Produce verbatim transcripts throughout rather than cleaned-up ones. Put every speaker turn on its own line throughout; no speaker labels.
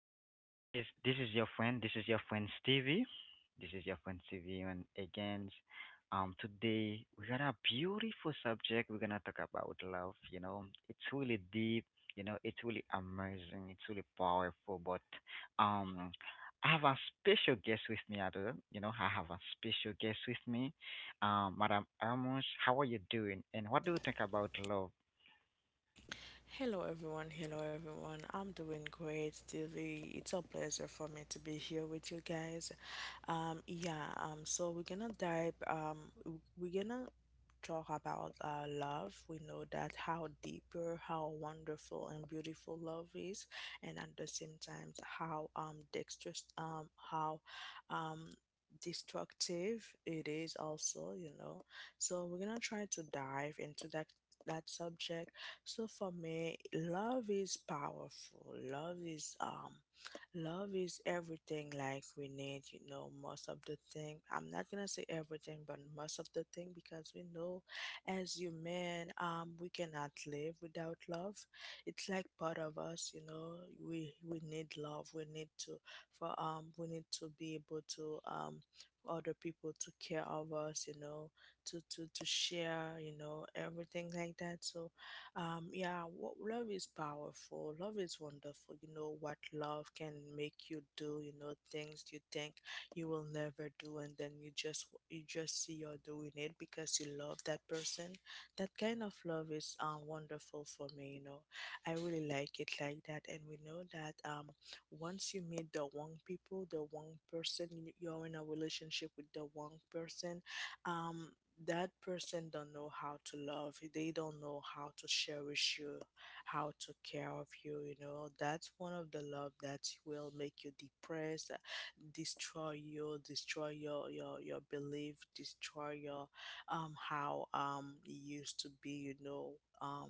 Hello, hello, guys. This is your friend. This is your friend Stevie. This is your friend Stevie, and again, um, Today we got a beautiful subject. We're gonna talk about love. You know, it's really deep. You know, it's really amazing. It's really powerful. But um, I have a special guest with me, Adel. You know, I have a special guest with me, um, Madam Amos. How are you doing? And what do you think about love?
Hello everyone, hello everyone. I'm doing great, Dilly. It's a pleasure for me to be here with you guys. Um, yeah, um, so we're gonna dive, um, w- we're gonna talk about uh, love. We know that how deeper, how wonderful and beautiful love is, and at the same time, how um, dexterous, um, how um, destructive it is also, you know. So we're gonna try to dive into that that subject. So for me, love is powerful. Love is um Love is everything like we need, you know, most of the thing. I'm not gonna say everything, but most of the thing because we know as human, um, we cannot live without love. It's like part of us, you know. We we need love. We need to for um we need to be able to um for other people to care of us, you know, to to to share, you know, everything like that. So um, yeah, wo- love is powerful. Love is wonderful. You know what love can make you do. You know things you think you will never do, and then you just you just see you're doing it because you love that person. That kind of love is um wonderful for me. You know, I really like it like that. And we know that um once you meet the one people, the one person, you- you're in a relationship with the one person. Um, that person don't know how to love you, they don't know how to cherish you, how to care of you, you know. That's one of the love that will make you depressed, uh, destroy you, destroy your your your belief, destroy your um how um you used to be, you know. um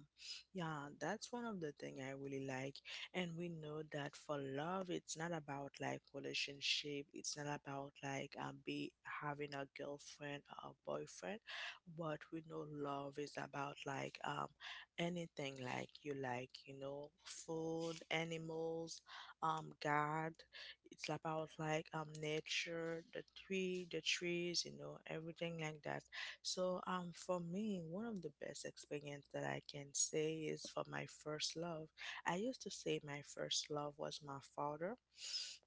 yeah that's one of the thing I really like. And we know that for love, it's not about like relationship, it's not about like um, be having a girlfriend or a boyfriend. But we know love is about like um anything like you like, you know, food, animals, um god. It's about like um nature, the tree the trees, you know, everything like that. So um for me, one of the best experience that I can say is for my first love. I used to say my first love was my father,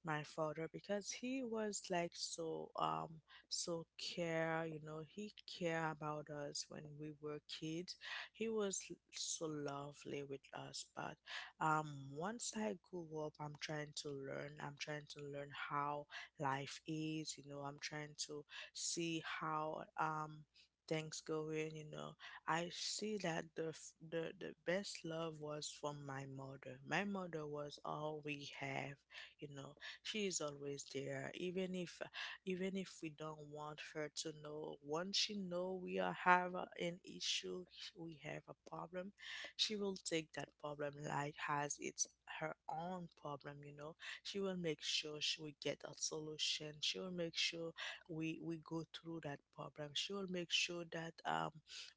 my father, because he was like so um so care, you know. He care about us when we were kids. He was l- so lovely with us. But um once I grew up, I'm trying to learn. I'm trying to learn how life is, you know. I'm trying to see how um things going, you know. I see that the f- the the best love was from my mother. My mother was all we have, you know. She is always there, even if even if we don't want her to know. Once she know we are have a- an issue, we have a problem, she will take that problem like has its her own problem. You know, she will make sure, she will get a solution. She will make sure we we go through that problem. She will make sure that um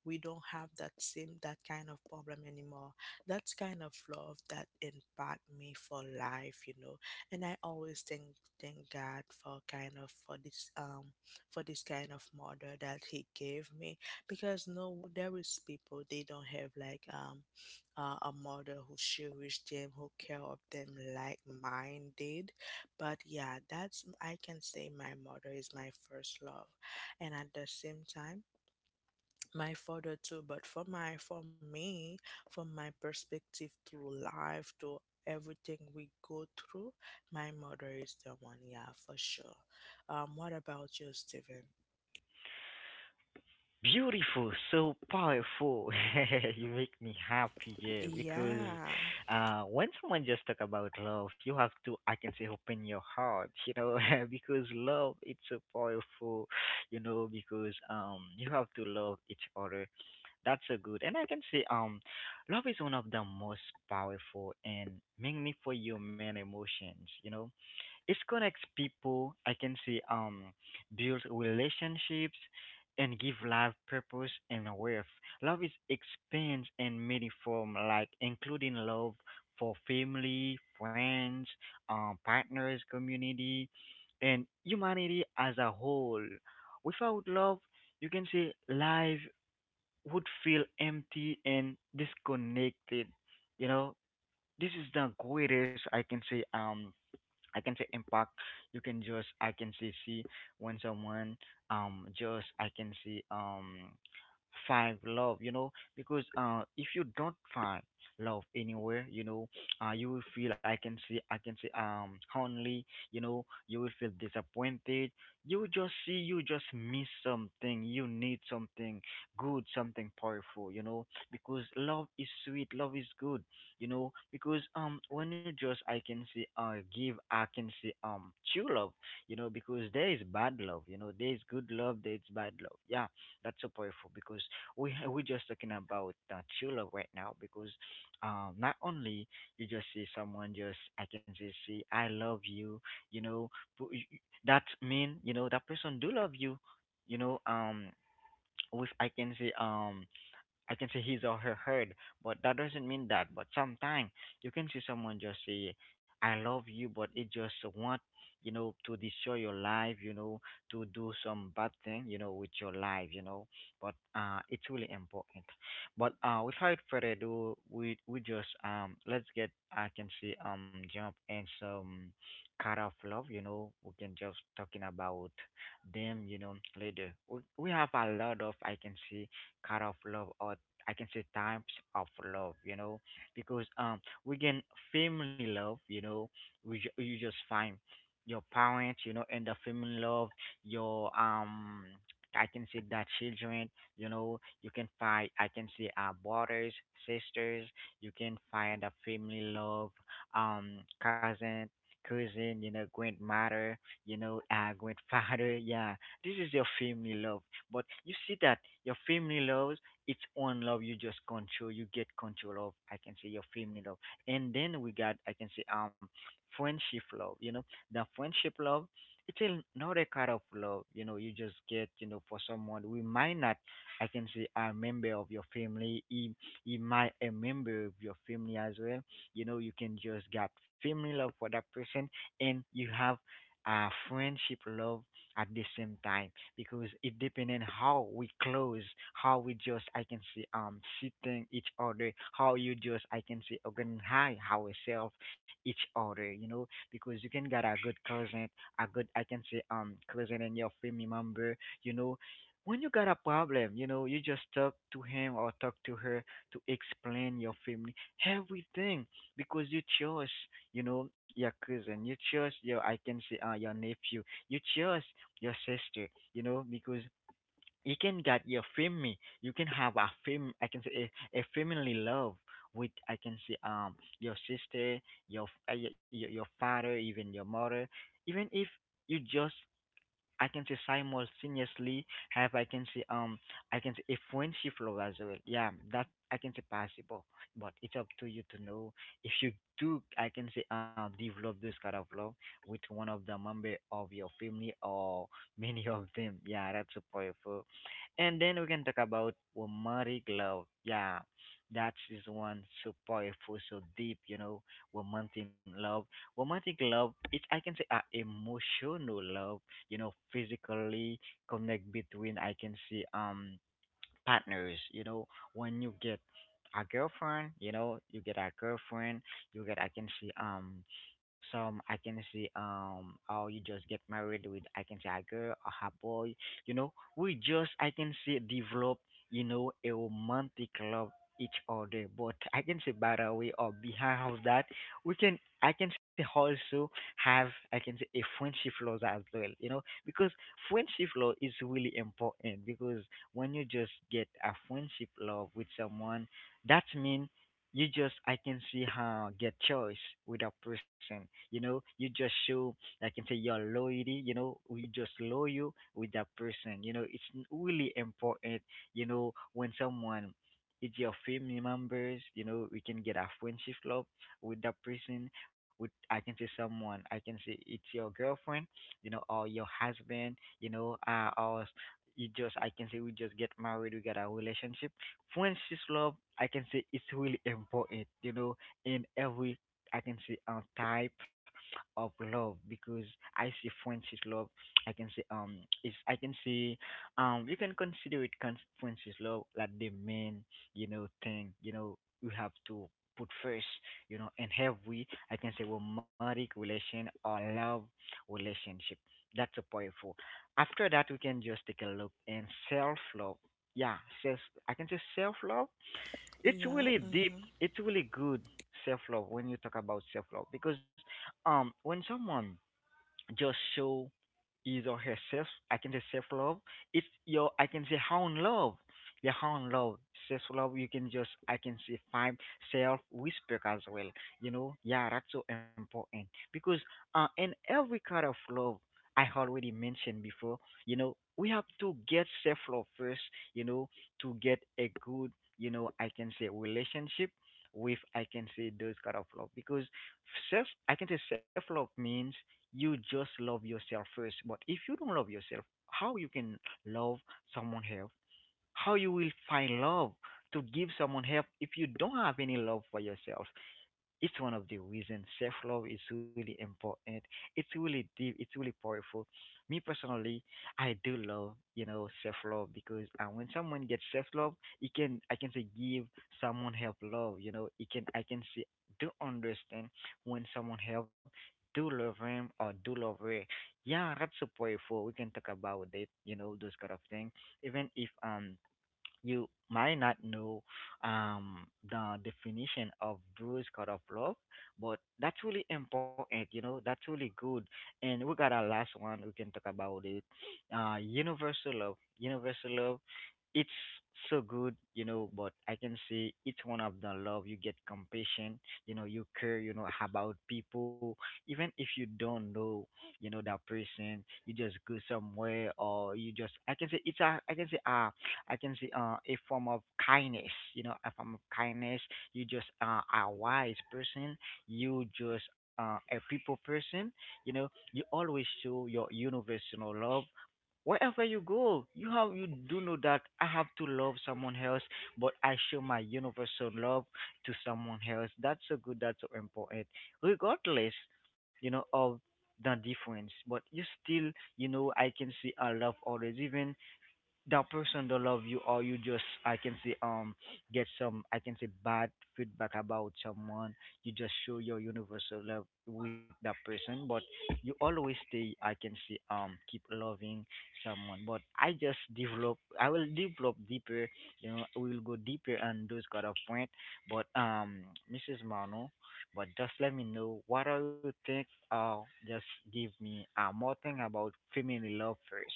we don't have that same that kind of problem anymore. That's kind of love that impact me for life, you know. And I always thank thank god for kind of for this um for this kind of mother that he gave me. Because no there is people, they don't have like um uh, a mother who cherish them, who care of them like mine did. But yeah, that's, I can say, my mother is my first love. And at the same time, my father too. But for my for me, from my perspective, through life, to everything we go through, my mother is the one, yeah, for sure. Um what about you, Steven?
Beautiful, so powerful. You make me happy, yeah, because
Yeah,
uh, when someone just talk about love, you have to, I can say, open your heart, you know, because love it's so powerful, you know, because um you have to love each other. That's so good, and I can say um, love is one of the most powerful and meaningful human emotions. You know, it connects people. I can say, um build relationships and give life purpose and worth. Love is expands in many form, like including love for family, friends, um partners, community, and humanity as a whole. Without love, you can say life would feel empty and disconnected. You know, this is the greatest, I can say, um I can say impact. You can just, I can say, see when someone um just I can see um find love, you know, because uh if you don't find love anywhere, you know, uh you will feel, I can see, I can see um only, you know, you will feel disappointed. You just see, you just miss something, you need something good, something powerful. You know, because love is sweet, love is good. You know, because um when you just, I can see, uh give, I can see, um true love. You know, because there is bad love, you know, there is good love, there is bad love. Yeah, that's so powerful, because we ha- we just talking about uh, true love right now. Because um not only you just see someone just, I can say, see I love you, you know. but y- y- that mean, you know, that person do love you, you know, um with, I can say, um I can say his or her heard, but that doesn't mean that. But sometimes you can see someone just say, I love you, but it just want, you know, to destroy your life, you know, to do some bad thing, you know, with your life, you know. But uh, it's really important. But uh, without further ado, we we just um let's get, I can see, um jump and some kind of love, you know. We can just talking about them, you know, later. We we have a lot of, I can see, kind of love, or I can say types of love, you know. Because um we can family love, you know, we ju- you just find your parents, you know, and the family love, your um I can say that children, you know. You can find, I can say, uh brothers, sisters, you can find a family love, um cousin, cousin, you know, grandmother, you know, uh grandfather. Yeah, this is your family love. But you see that your family love, its own love. You just control, you get control of, I can say, your family love. And then we got, I can say, um friendship love, you know. The friendship love, it's another kind of love, you know. You just get, you know, for someone we might not, I can say a member of your family. he, he might a member of your family as well, you know. You can just get family love for that person, and you have uh friendship love at the same time, because it depending how we close, how we just, I can see, um sitting each other, how you just, I can see, organize ourselves each other. You know, because you can get a good cousin, a good, I can say, um cousin and your family member, you know. When you got a problem, you know, you just talk to him or talk to her to explain your family everything, because you chose, you know, your cousin. You chose your, I can say, uh your nephew, you chose your sister, you know. Because you can get your family, you can have a fam, I can say a, a family love with, I can say, um your sister, your f- uh, your your your father, even your mother, even if you just, I can say, simultaneously have, I can say, um I can say a friendship flow as well. Yeah, that I can say possible, but it's up to you to know if you do, I can say, uh develop this kind of love with one of the member of your family, or many of them. Yeah, that's so powerful. And then we can talk about romantic love. Yeah, that is one so powerful, so deep. You know, romantic love romantic love is, I can say, uh, emotional love, you know, physically connect between, I can see, um partners, you know. When you get a girlfriend you know you get a girlfriend, you get, I can see, um some, I can see, um oh, you just get married with, I can see, a girl or a boy, you know. We just, I can see, develop, you know, a romantic love each other. But, I can say, by the way or behind of that, we can, I can say, also have, I can say, a friendship laws as well, you know. Because friendship law is really important, because when you just get a friendship love with someone, that means you just, I can see, how get choice with a person. You know, you just show, I can say, your loyalty. You know, you just loyal with that person. You know, it's n- really important. You know, when someone it's your family members, you know, we can get a friendship love with that person. With, I can say, someone, I can say it's your girlfriend, you know, or your husband, you know, uh, or you just, I can say, we just get married, we got our relationship. Friendship love, I can say, it's really important, you know, in every, I can say, um type of love. Because I see friendship love, I can say, um is I can say um you can consider it con- friendship love like the main, you know, thing, you know. You have to put first, you know, in every, I can say, romantic relation or love relationship. That's a powerful. After that, we can just take a look in self love. Yeah, self, I can say, self love, it's
yeah,
really deep.
mhm.
It's really good. Self love, when you talk about self love, because um when someone just show is or herself, I can say self love. It's your, I can say, how in love. Your how in love. Self love, you can just, I can say, find self respect as well. You know, yeah, that's so important. Because uh in every kind of love I already mentioned before, you know, we have to get self love first, you know, to get a good, you know, I can say relationship with, I can say, those kind of love. Because self, I can say self love means you just love yourself first. But if you don't love yourself, how you can love someone else? How you will find love to give someone help if you don't have any love for yourself? It's one of the reasons self-love is really important. It's really deep. It's really powerful. Me personally, I do love, you know, self-love, because uh, when someone gets self-love, it can, I can say, give someone help love. You know, it can, I can say, do understand when someone help, do love him or do love her. Yeah, that's so powerful. We can talk about it. You know, those kind of things. Even if um you might not know um, the definition of Bruce God of Love, but that's really important, you know, that's really good. And we got our last one, we can talk about it. Uh, universal love. Universal love, it's so good, you know. But I can say it's one of the love. You get compassion, you know, you care, you know, about people. Even if you don't know, you know, that person, you just go somewhere, or you just, I can say it's a, I can say, uh, I can say, uh, a form of kindness, you know, a form of kindness. You just, uh, a wise person. You just, uh, a people person, you know, you always show your universal love wherever you go. You have you do know that I have to love someone else, but I show my universal love to someone else. That's so good. That's so important, regardless you know of the difference, but you still, you know I can see our love always. Even that person don't love you, or you just, I can say, um get some, I can say, bad feedback about someone. You just show your universal love with that person, but you always stay, I can say, um keep loving someone. But i just develop I will develop deeper. You know we'll go deeper on those kind of point. But um Mrs. Mano, but just let me know, what do you think? Uh just give me uh more thing about female love first.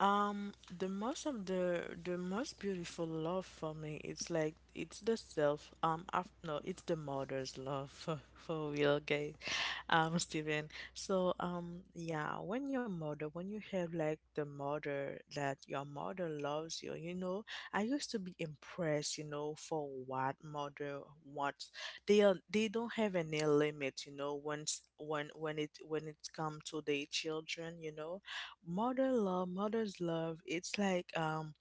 Um, the most of the the most beautiful love for me, it's like it's the self. Um, af No, it's the mother's love for for real, guys. Um, Steven. So, um, yeah, when your mother, when you have like the mother that your mother loves you, you know, I used to be impressed, you know, for what mother wants. They are they don't have any limit, you know. Once when when it when it comes to their children, you know. Mother love, mother's love. It's like um,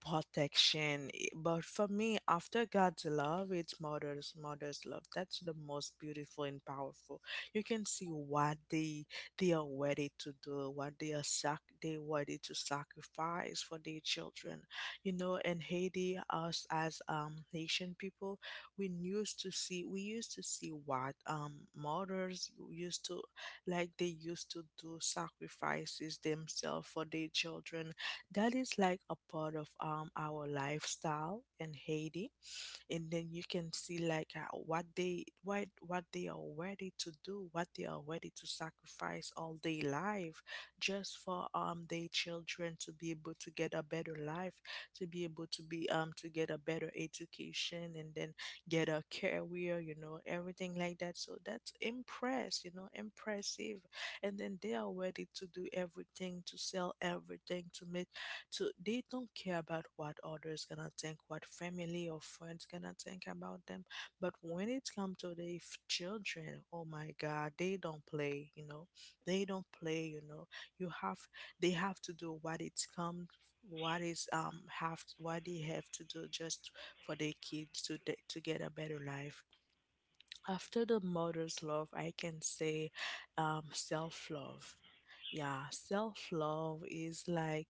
protection. I- But for me, after God's love, it's mother's mother's love. That's the most beautiful and powerful. You can see what they they are ready to do, what they are sac they ready to sacrifice for their children. You know, in Haiti, us as um Haitian people, we used to see we used to see what um mothers used to, like they used to do sacrifices themselves for their children. That is like a part of um our lifestyle in Haiti. And then you can see like uh, what they, what what they are ready to do, what they are ready to sacrifice all their life just for um their children to be able to get a better life, to be able to be um to get a better education, and then get a career, you know, everything like that. So that's impress, you know, impressive. And then they are ready to do everything, to sell everything to make, so they don't care about what others gonna think, what family or friends gonna think about them. But when it comes to their f- children, oh my God, they don't play. You know, they don't play. You know, you have they have to do what it's come, what is um have what they have to do just for their kids to to get a better life. After the mother's love, I can say um, self love. Yeah, self love is like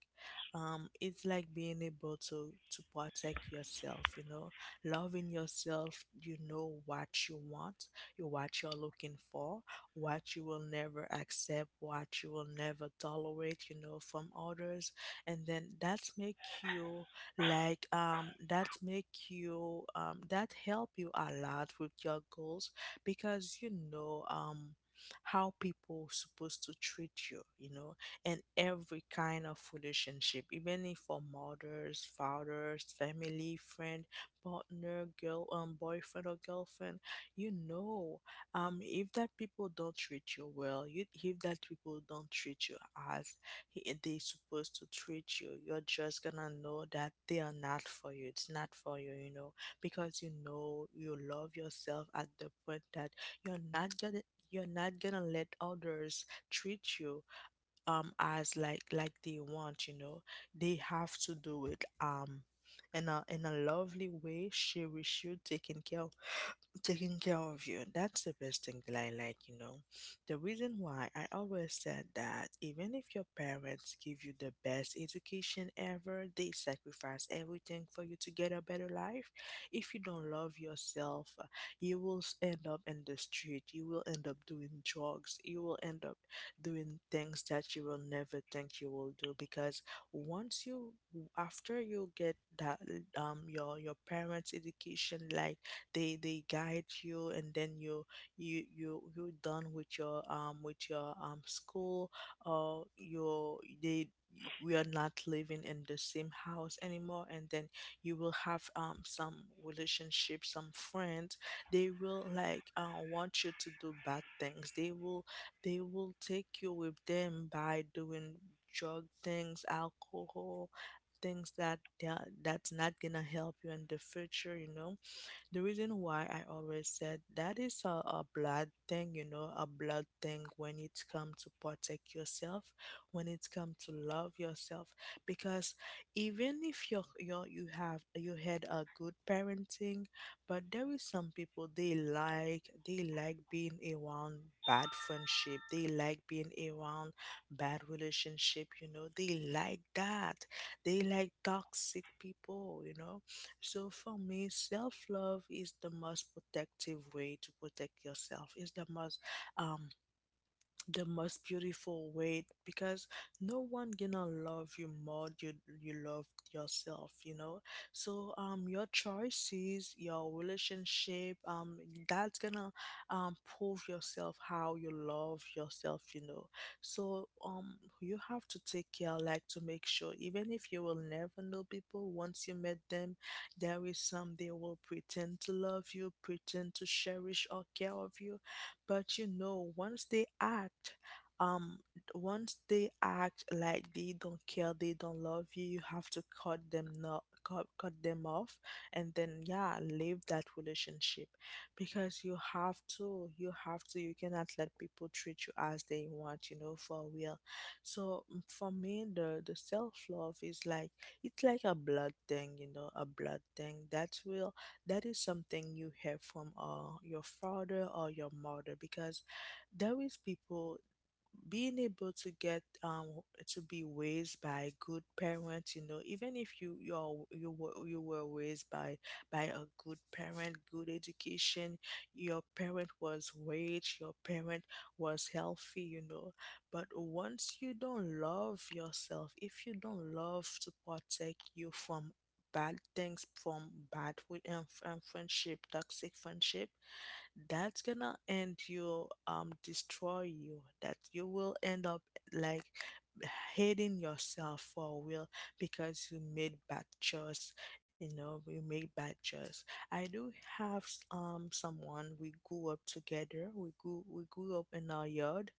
um, it's like being able to to protect yourself. You know, loving yourself. You know what you want, you what you're looking for, what you will never accept, what you will never tolerate, you know, from others. And then that's make you like um that make you um that help you a lot with your goals. Because you know um how people supposed to treat you, you know, in every kind of relationship, even if for mothers, fathers, family, friend, partner, girl um boyfriend or girlfriend, you know. Um if that people don't treat you well, you, if that people don't treat you as i- they supposed to treat you, you're just gonna know that they are not for you, it's not for you, you know. Because you know you love yourself at the point that you're not gonna you're not gonna let others treat you um as like like they want, you know. They have to do it um in a in a lovely way, she wish you taking care, taking care of you. That's the best thing that I like, you know. The reason why I always said that, even if your parents give you the best education ever, they sacrifice everything for you to get a better life. If you don't love yourself, uh, you will s- end up in the street. You will end up doing drugs. You will end up doing things that you will never think you will do. Because once you, after you get that um your your parents education, like they they guide you, and then you you you you're done with your um with your um school or your, they you- we are not living in the same house anymore. And then you will have um some relationship, some friends, they will like uh, want you to do bad things. They will they will take you with them by doing drug things, alcohol, things that that- that's not gonna help you in the future, you know. The reason why I always said that is a, a blood thing, you know, a blood thing when it come to protect yourself, when it come to love yourself. Because even if you're, you're, you have you had a good parenting, but there is some people, they like they like being around bad friendship, they like being around bad relationship, you know, they like that. They like toxic people, you know. So for me, self love is the most protective way to protect yourself. It's the most um the most beautiful way because no one gonna love you more you you love yourself, you know. So um your choices, your relationship, um that's gonna um prove yourself how you love yourself, you know. So um you have to take care, like, to make sure, even if you will never know people once you met them, there is some they will pretend to love you, pretend to cherish or care of you. But you know, once they act, um once they act like they don't care, they don't love you, you have to cut them, not cut, cut them off, and then yeah, leave that relationship. Because you have to, you have to you cannot let people treat you as they want, you know, for real. So mm, for me, the the self-love is like, it's like a blood thing, you know, a blood thing that will, that is something you have from uh, your father or your mother. Because there is people being able to get um to be raised by good parents, you know. Even if you you're you were, you were raised by by a good parent, good education, your parent was rich, your parent was healthy, you know. But once you don't love yourself, if you don't love to protect you from bad things, from bad with, um, friendship, toxic friendship, that's gonna end you, um destroy you, that you will end up, like, hating yourself for real, because you made bad choice, you know, you made bad choice. I do have s- um someone we grew up together, we grew we grew up in our yard.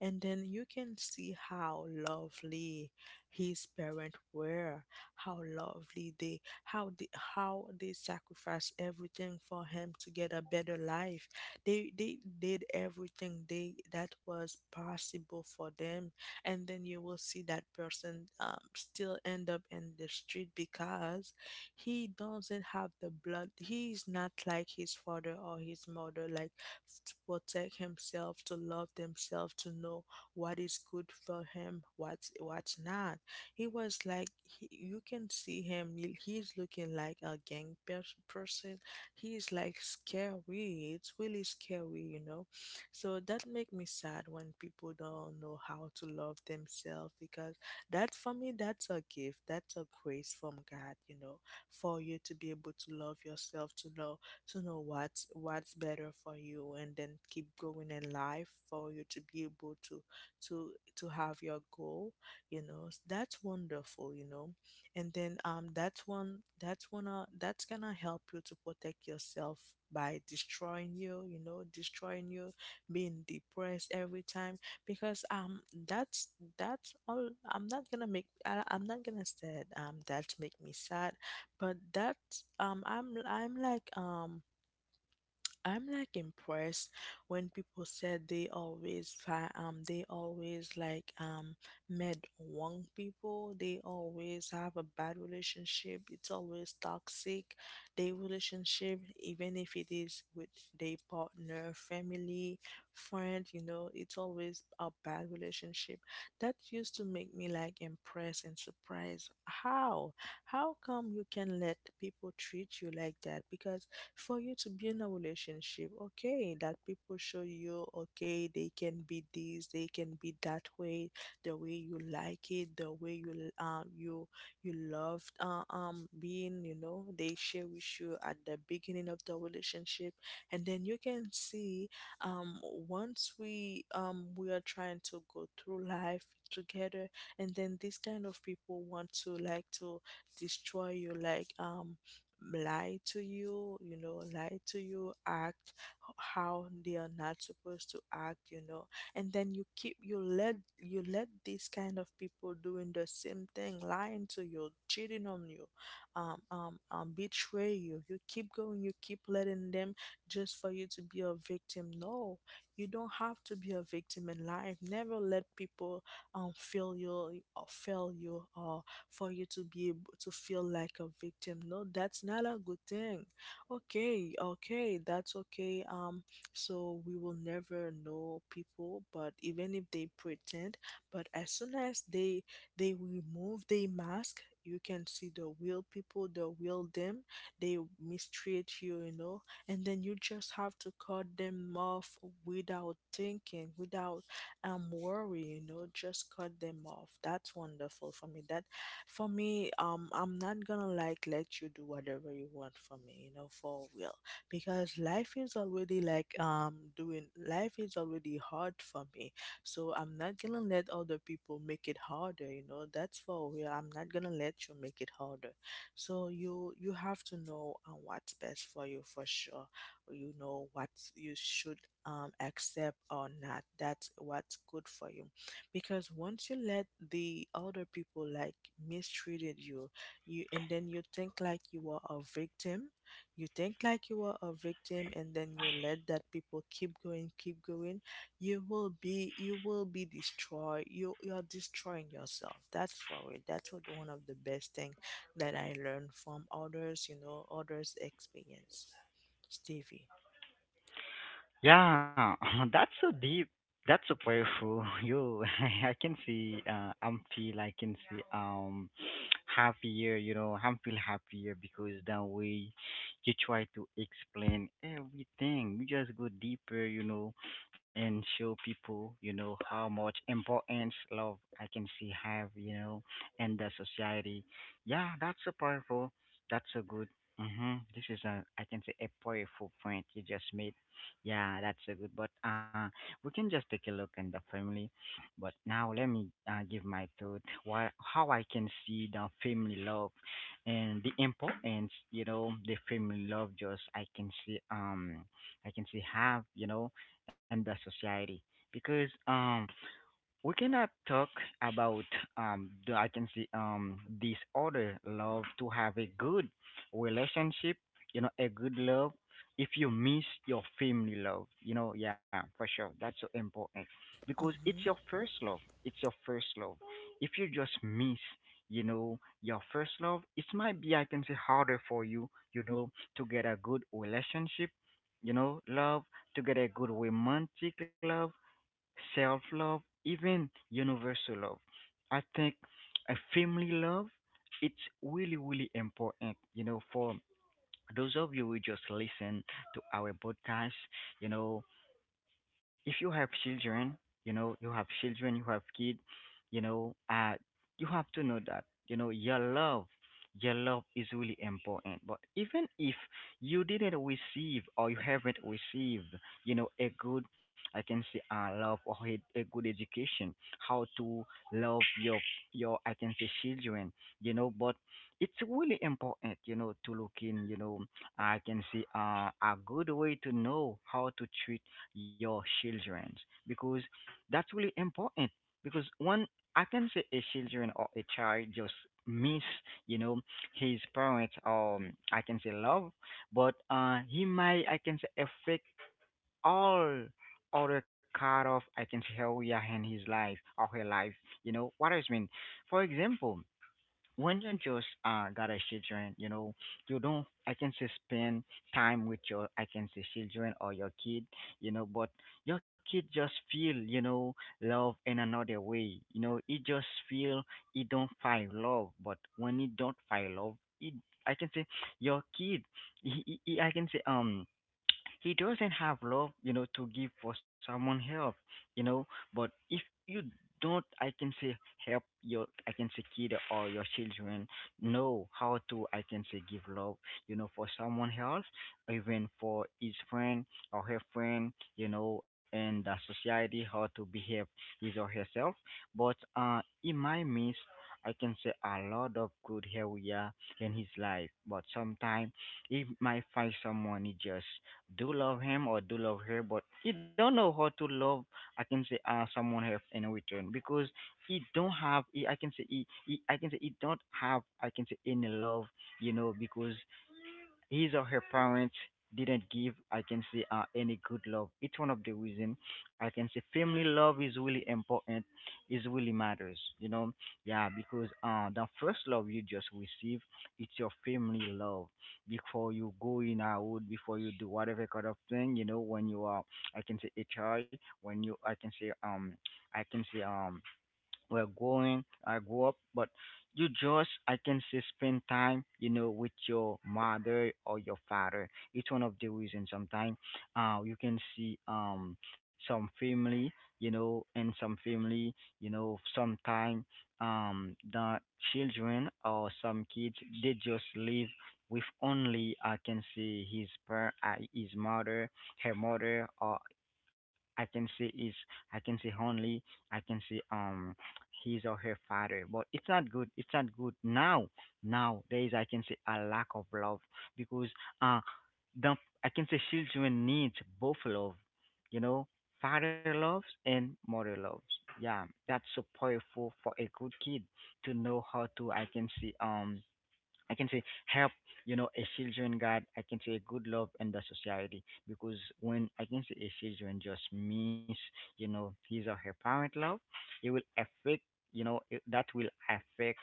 And then you can see how lovely his parents were, how lovely they, how they how they sacrificed everything for him to get a better life. They they did everything they that was possible for them. And then you will see that person, um, still end up in the street because he doesn't have the blood. He is not like his father or his mother, like, f- to protect himself, to love themselves, to know what is good for him, what's what's not. He was like, he, you can see him, he- he's looking like a gang pers- person. He's like scary, it's really scary, you know. So that make me sad when people don't know how to love themselves, because that, for me, that's a gift, that's a grace from God, you know, for you to be able to love yourself, to know, to know what's what's better for you, and then keep going in life, for you to be able to, to to have your goal, you know. s- That's wonderful, you know. And then um that's one, that's one uh, that's gonna help you to protect yourself by destroying you, you know, destroying you, being depressed every time, because um that's that's all. I'm not gonna make, I, I'm not gonna say, um that make me sad. But that, um I'm I'm like um I'm like impressed when people said they always fi- um they always like um met wrong people. They always have a bad relationship. It's always toxic. Their relationship, even if it is with their partner, family, friend, you know, it's always a bad relationship. That used to make me like impressed and surprised. How? How come you can let people treat you like that? Because for you to build a relationship, okay, that people show you, okay, they can be this, they can be that way, the way you like it, the way you, um you you love uh, um being, you know, they share with you at the beginning of the relationship. And then you can see, um once we, um we are trying to go through life together, and then these kind of people want to like to destroy you, like, um lie to you, you know, lie to you, act, h- how they are not supposed to act, you know. And then you keep, you let you let these kind of people doing the same thing, lying to you, cheating on you, um, um, um betray you. You keep going, you keep letting them, just for you to be a victim. No, you don't have to be a victim in life. Never let people um feel you, or fail you, or for you to be able to feel like a victim. No, that's not a good thing. Okay, okay, that's okay. Um, so we will never know people, but even if they pretend, but as soon as they, they remove their mask, you can see the real people, the real them. They mistreat you, you know, and then you just have to cut them off, without thinking, without um worry, you know, just cut them off. That's wonderful for me. That, for me, um, I'm not gonna like let you do whatever you want for me, you know, for real. Because life is already like, um doing life is already hard for me. So I'm not gonna let other people make it harder, you know. That's for real. I'm not gonna let you make it harder. So you you have to know uh, what's best for you for sure. You know what you should um accept or not. That's what's good for you, because once you let the other people like mistreated you, you and then you think like you are a victim, you think like you are a victim and then you let that people keep going, keep going, you will be, you will be destroyed, you you're destroying yourself. That's for it, that's what, one of the best thing that I learned from others, you know, others experience. Stevie.
Yeah, that's so deep. That's so powerful. You, I can see. Uh, I'm feel. I can see. Um, happier. You know, I'm feel happier because that way, you try to explain everything. You just go deeper. You know, and show people. You know how much importance love I can see have, You know, in the society. Yeah, that's so powerful. That's so good. Mm-hmm. This is a, I can say, a powerful point you just made. Yeah, that's a good. But uh, we can just take a look in the family. But now let me, uh, give my thought. Why, how I can see the family love and the importance. You know, the family love just I can see. Um, I can see have, you know in the society, because um we cannot talk about, um the, I can see, um this other love, to have a good relationship, you know, a good love, if you miss your family love, you know, yeah, for sure. That's so important because it's your
Hmm.
first love. It's your first love. If you just miss, you know, your first love, it might be, I can say, harder for you, you know, to get a good relationship, you know, love, to get a good romantic love, self-love, even universal love. I think a family love, it's really, really important, you know, for those of you who just listen to our podcast, you know, if you have children, you know, you have children, you have kids, you know, uh, you have to know that, you know, your love, your love is really important. But even if you didn't receive, or you haven't received, you know, a good, I can say, uh, love, or a, a good education, how to love your, your, I can say, children, you know, but it's really important, you know, to look in, you know, I can say, uh, a good way to know how to treat your children, because that's really important. Because one, I can say, a children or a child just miss, you know his parents, um I can say love, but uh he might, I can say, affect all other kind of, I can say, area in his life or her life, you know what I mean. For example, when you just, uh got a children, you know, you don't, I can say, spend time with your, I can say, children or your kid, you know, but your kid just feel, you know, love in another way. You know, he just feel he don't find love, but when he don't find love, he, I can say, your kid, he, he, he, I can say, um he doesn't have love, you know, to give for someone help, you know. But if you don't, I can say, help your, I can say, kid or your children know how to, I can say, give love, you know, for someone else, even for his friend or her friend, you know, and the society, how to behave his or herself. But uh, he might miss, I can say, a lot of good area in his life. But sometimes he might find someone he just do love him or do love her, but he don't know how to love. I can say, uh, someone else in return, because he don't have. He, I can say, he, he. I can say, he don't have. I can say, any love, you know, because his or her parents didn't give, I can say, uh, any good love. It's one of the reason, I can say, family love is really important, is really matters, you know. Yeah, because uh the first love you just receive, it's your family love, before you go in out, before you do whatever kind of thing, you know when you are, I can say, a child, when you, I can say, um I can say, um we're growing, I grew up, but you just, I can say, spend time, you know, with your mother or your father. It's one of the reasons sometimes, uh, you can see, um, some family, you know, and some family, you know, sometime, um, the children or some kids, they just live with only, I can say, his, par- uh, his mother, her mother, or I can see is I can see only, I can see, um his or her father, but it's not good. It's not good now. Now there is, I can see, a lack of love, because uh the, I can say, children need both love, you know, father loves and mother loves. Yeah, that's so powerful for a good kid to know how to, I can see, um I can say, help, you know, a children God. I can say good love in the society, because when, I can say, a children just miss, you know, his or her parent love, it will affect, you know, it, that will affect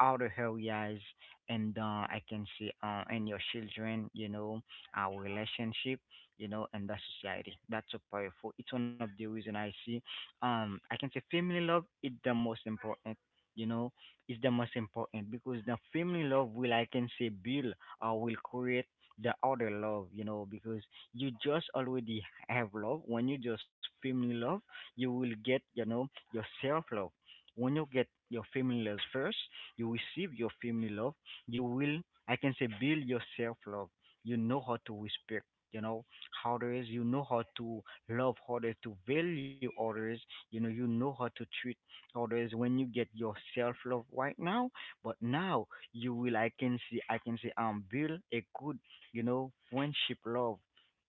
outer areas, and uh, I can say, uh, and your children, you know, our relationship, you know, and the society. That's so powerful. It's one of the reason I see. Um, I can say family love is the most important. You know, is the most important, because the family love will, I can say, build or will create the other love, you know, because you just already have love. When you just family love, you will get, you know, your self love. When you get your family love first, you receive your family love, you will, I can say, build your self love. You know how to respect, you know, others. You know how to love others, to value others, you know, you know how to treat always when you get your self love right now. But now you will, i can see I can see, um build a good, you know friendship love.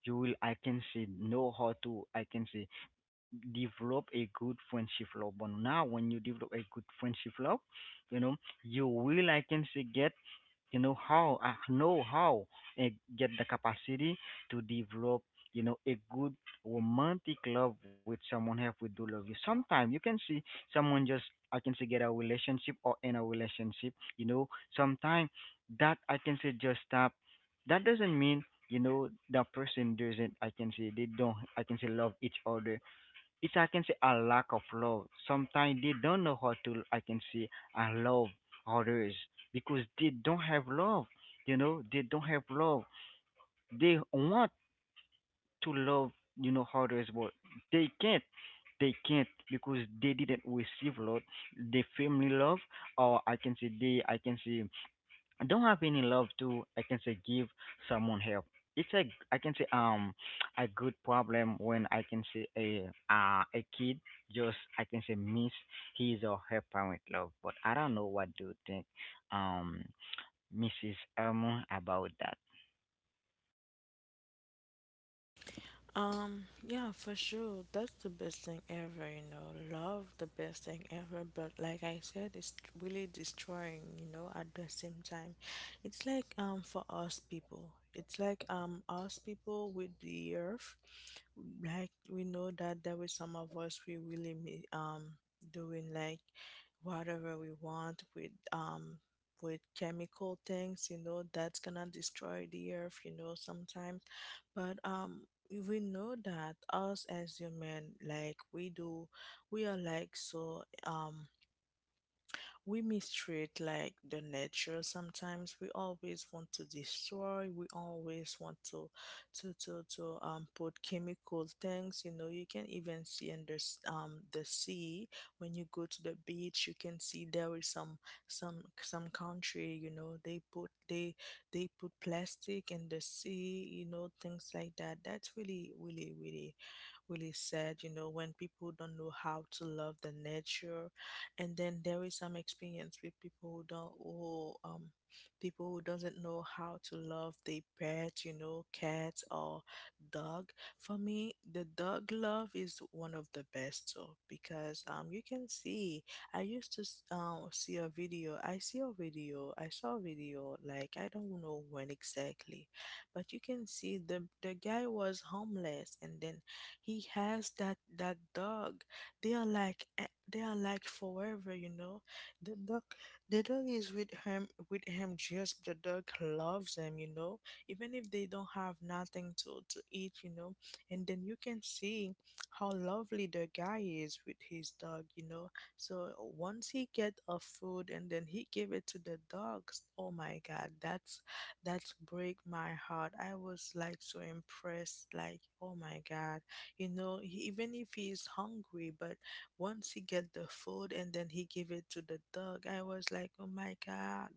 You will, I can see, know how to, I can see, develop a good friendship love. But now when you develop a good friendship love, you know you will, I can see, get, you know how I know how uh, get the capacity to develop, you know a good romantic love with someone else, we do love you. Sometimes you can see someone just, I can say, get a relationship or in a relationship, you know sometimes that, I can say, just stop. That doesn't mean, you know that person doesn't, I can say, they don't, I can say, love each other. It's, I can say, a lack of love. Sometimes they don't know how to, I can say, and love others, because they don't have love. You know, they don't have love. They want to love, you know, others, but they can't. They can't because they didn't receive love, the family love, or I can say they, I can say, don't have any love to, I can say, give someone help. It's a, I can say, um a good problem when, I can say, a uh, a kid just, I can say, miss his or her parent love. But I don't know what do you think, um Mrs. Elmo, about that.
Um, yeah, for sure, that's the best thing ever, you know. Love the best thing ever, but like I said, it's really destroying, you know, at the same time. It's like um for us people. It's like um us people with the earth. Like we know that there is some of us we really mi- um doing like whatever we want with um with chemical things, you know, that's gonna destroy the earth, you know, sometimes. But um we know that us as human, like we do, we are like so um we mistreat like the nature. Sometimes we always want to destroy, we always want to, to to, to um put chemical things, you know. You can even see in the s- um the sea, when you go to the beach you can see there is some, some some country, you know, they put they they put plastic in the sea, you know, things like that. That's really, really, really really sad, you know, when people don't know how to love the nature. And then there is some experience with people who don't, who um people who doesn't know how to love their pet, you know, cat or dog. For me, the dog love is one of the best, so, because um you can see, I used to s- um see a video. I see a video. I saw a video, like, I don't know when exactly, but you can see the the guy was homeless, and then he has that that dog. They are like, eh, they are like forever, you know. The dog, the dog is with him, with him just the dog loves him, you know. Even if they don't have nothing to, to eat, you know. And then you can see how lovely the guy is with his dog, you know. So once he get a food, and then he give it to the dogs, oh my god, that's, that's break my heart. I was like so impressed, like oh my god, you know, he, even if he's hungry, but once he get the food and then he give it to the dog, I was like oh my god,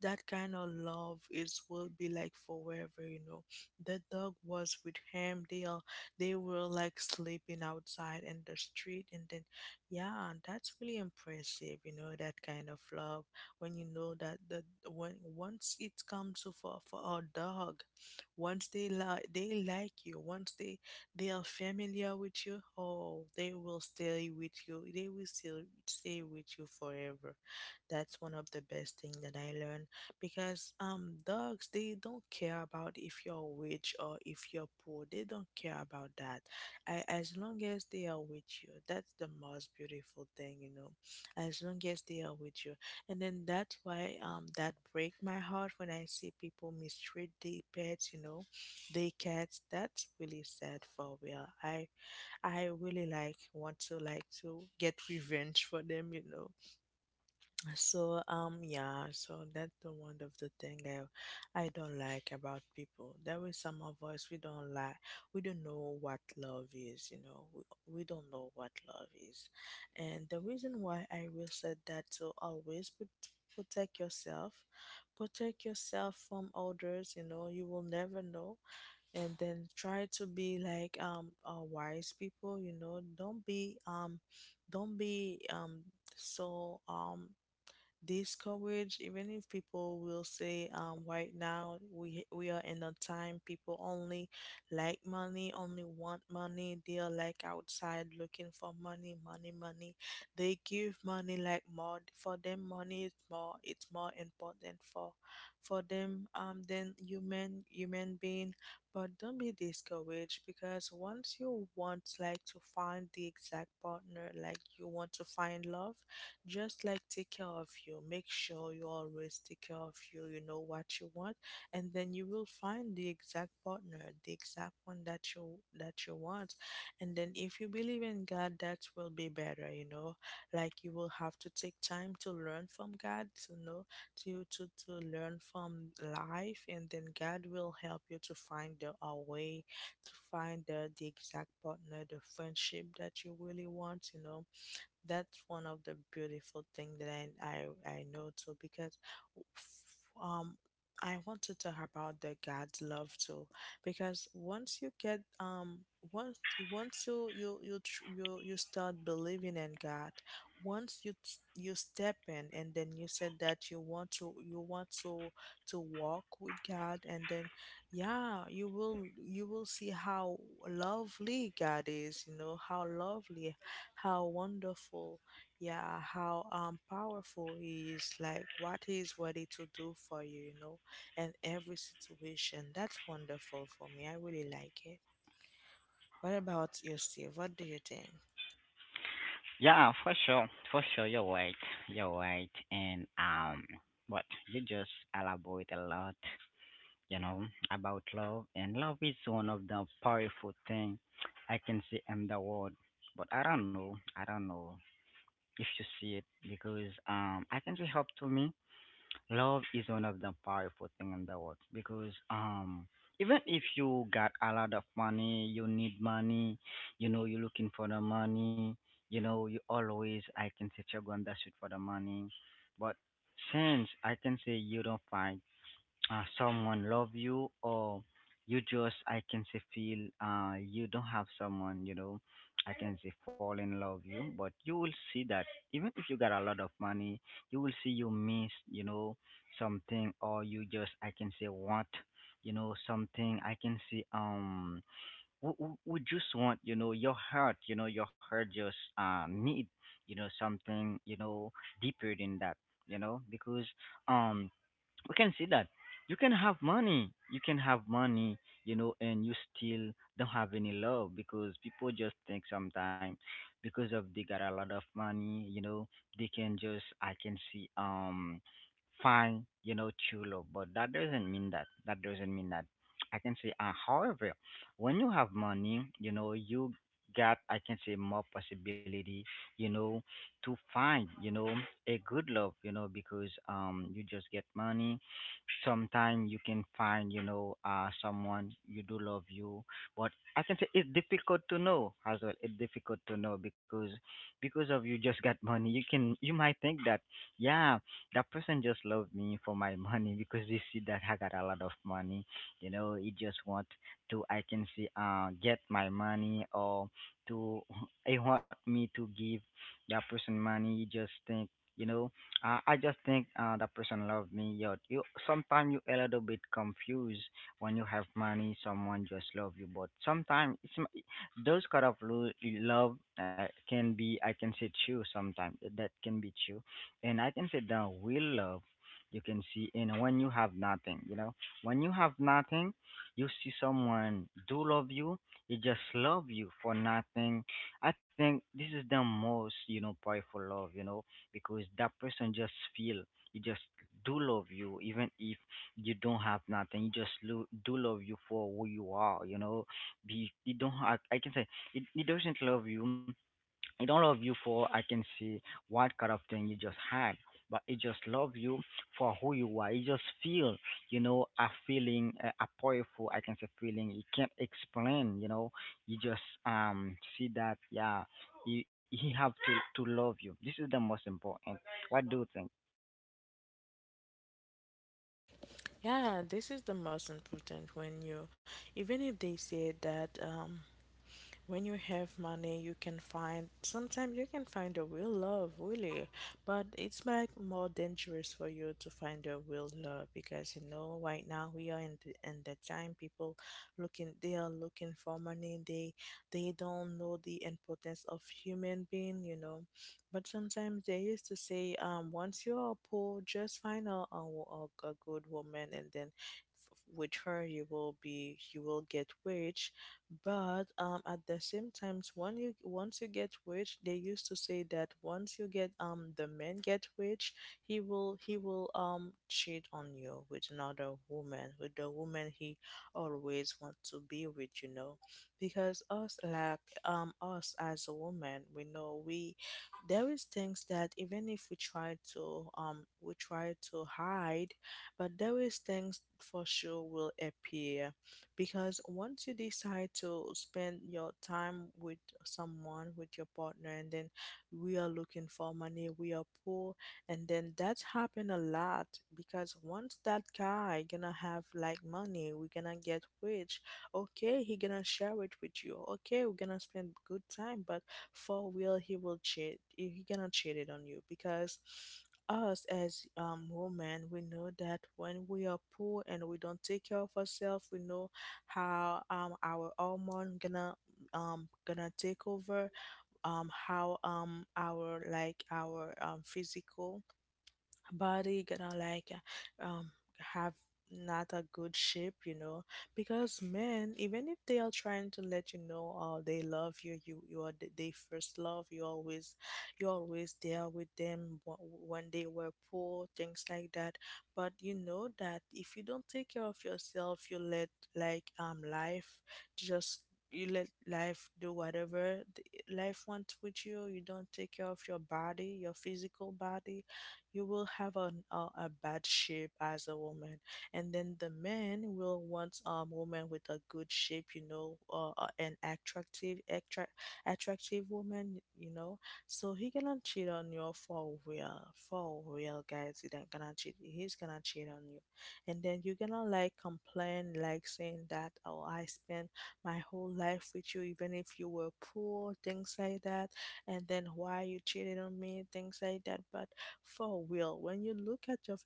that kind of love is, will be like forever, you know. The dog was with him, they are, they were like sleeping outside in the street, and then yeah, that's really impressive, you know, that kind of love. When you know that the, when once it comes to, for for our dog, once they like, they like you, once they they are familiar with you, oh, they will stay with you. They will still stay with you forever. That's one of the best thing that I learned, because um dogs they don't care about if you're rich or if you're poor. They don't care about that. I, as long as they are with you, that's the most beautiful thing, you know. As long as they are with you, and then that's why um that break my heart when I see people mistreat their pets, you know, they get, that's really sad for real. I i really like want to like to get revenge for them, you know. So um yeah, so that's the one of the thing, i i don't like about people. There is some of us we don't like, we don't know what love is, you know, we, we don't know what love is. And the reason why I will say that, to always put, protect yourself, protect yourself from others, you know, you will never know. And then try to be like, um uh, wise people, you know. Don't be um don't be um so um this coverage. Even if people will say, um, right now we we are in a time people only like money, only want money. They are like outside looking for money, money, money. They give money like more for them. Money is more. It's more important for for them um than human human being. But don't be discouraged because once you want like to find the exact partner, like you want to find love, just like take care of you, make sure you always take care of you, you know what you want, and then you will find the exact partner, the exact one that you that you want. And then if you believe in God, that will be better, you know. Like you will have to take time to learn from God, to know to to, to learn from life, and then God will help you to find the a way to find the, the exact partner, the friendship that you really want, you know. That's one of the beautiful things that I, I I know too because um I want to talk about the God's love too because once you get um once once you you you tr- you, you start believing in God. Once you t- you step in and then you said that you want to you want to to walk with God, and then yeah, you will you will see how lovely God is, you know, how lovely, how wonderful, yeah, how um powerful he is, like what he is ready to do for you, you know, in every situation. That's wonderful for me. I really like it. What about you, Steve? What do you think?
Yeah, for sure, for sure, you're right. You're right. And um but you just elaborate a lot, you know, about love. And love is one of the powerful thing I can see in the world. But I don't know, I don't know if you see it, because um I can see help to me. Love is one of the powerful thing in the world, because um even if you got a lot of money, you need money, you know, you're looking for the money, you know, you always, I can say, you're going that shit for the money. But since I can say you don't find uh, someone love you, or you just I can say feel, uh, you don't have someone, you know, I can say fall in love you. But you will see that even if you got a lot of money, you will see you miss, you know, something, or you just I can say want, you know, something I can see um we, we we just want, you know, your heart, you know, your heart just uh need, you know, something, you know, deeper than that, you know, because um we can see that you can have money, you can have money, you know, and you still don't have any love, because people just think sometimes, because of they got a lot of money, you know, they can just I can see um find, you know, true love. But that doesn't mean that, that doesn't mean that I can say, uh, however, when you have money, you know, you got I can say more possibility, you know, to find, you know, a good love, you know, because um you just get money. Sometimes you can find, you know, uh someone you do love you, but I can say it's difficult to know as well, it's difficult to know because because of you just got money, you can, you might think that, yeah, that person just loved me for my money, because they see that I got a lot of money, you know, he just want to I can see uh get my money, or to, he want me to give that person money, he just think, you know, uh, I just think, uh, the person love me. Yo, you sometimes you a little bit confused when you have money. Someone just love you, but sometimes it's m- those kind of lo- love uh, can be, I can say, true. Sometimes that can be true, and I can say the real love. You can see in when you have nothing. You know, when you have nothing, you see someone do love you. He just love you for nothing. I think this is the most, you know, powerful love. You know, because that person just feel you just do love you, even if you don't have nothing, you just lo- do love you for who you are, you know, be you don't have, I can say it, it doesn't love you, I don't love you for, I can see, what kind of thing you just had, but I just love you for who you are. You just feel, you know, a feeling, a, a powerful, I can say, feeling you can't explain, you know. You just um see that, yeah, you, he have to to love you. This is the most important. What do you think?
Yeah, this is the most important when you, even if they say that um when you have money you can find, sometimes you can find a real love, really, but it's like more dangerous for you to find a real love, because you know right now we are in the, in the time. People looking, they are looking for money. they they don't know the importance of human being, you know. But sometimes they used to say um once you are poor, just find a, a, a a good woman, and then f- with her you will be, you will get rich. But um, at the same times when you, once you get rich, they used to say that once you get um the man get rich, he will, he will um cheat on you with another woman, with the woman he always want to be with, you know, because us like, um us as a woman, we know we, there is things that even if we try to um we try to hide, but there is things for sure will appear. Because once you decide to spend your time with someone, with your partner, and then we are looking for money, we are poor, and then that's happened a lot. Because once that guy gonna have like money, we gonna get rich. Okay, he gonna share it with you, okay, we're gonna spend good time. But for real he will cheat, he gonna cheat it on you, because us as um women, we know that when we are poor and we don't take care of ourselves, we know how um our hormone gonna um gonna take over, um how um our like our um physical body, he gonna like, um have not a good shape, you know, because men, even if they are trying to let you know, oh, they love you, you you are th- they first love you always, you always there with them wh- when they were poor, things like that. But you know that if you don't take care of yourself, you let like um life just, you let life do whatever th- life wants with you, you don't take care of your body, your physical body, you will have an, uh, a bad shape as a woman. And then the men will want um woman with a good shape, you know, uh, uh, an attractive attra- attractive woman, you know. So he gonna cheat on you for real, for real, guys, he not gonna cheat, he's gonna cheat on you. And then you're gonna like complain, like saying that, oh, I spent my whole life with you, even if you were poor, things like that, and then why you cheated on me, things like that. But for real, when you look at your,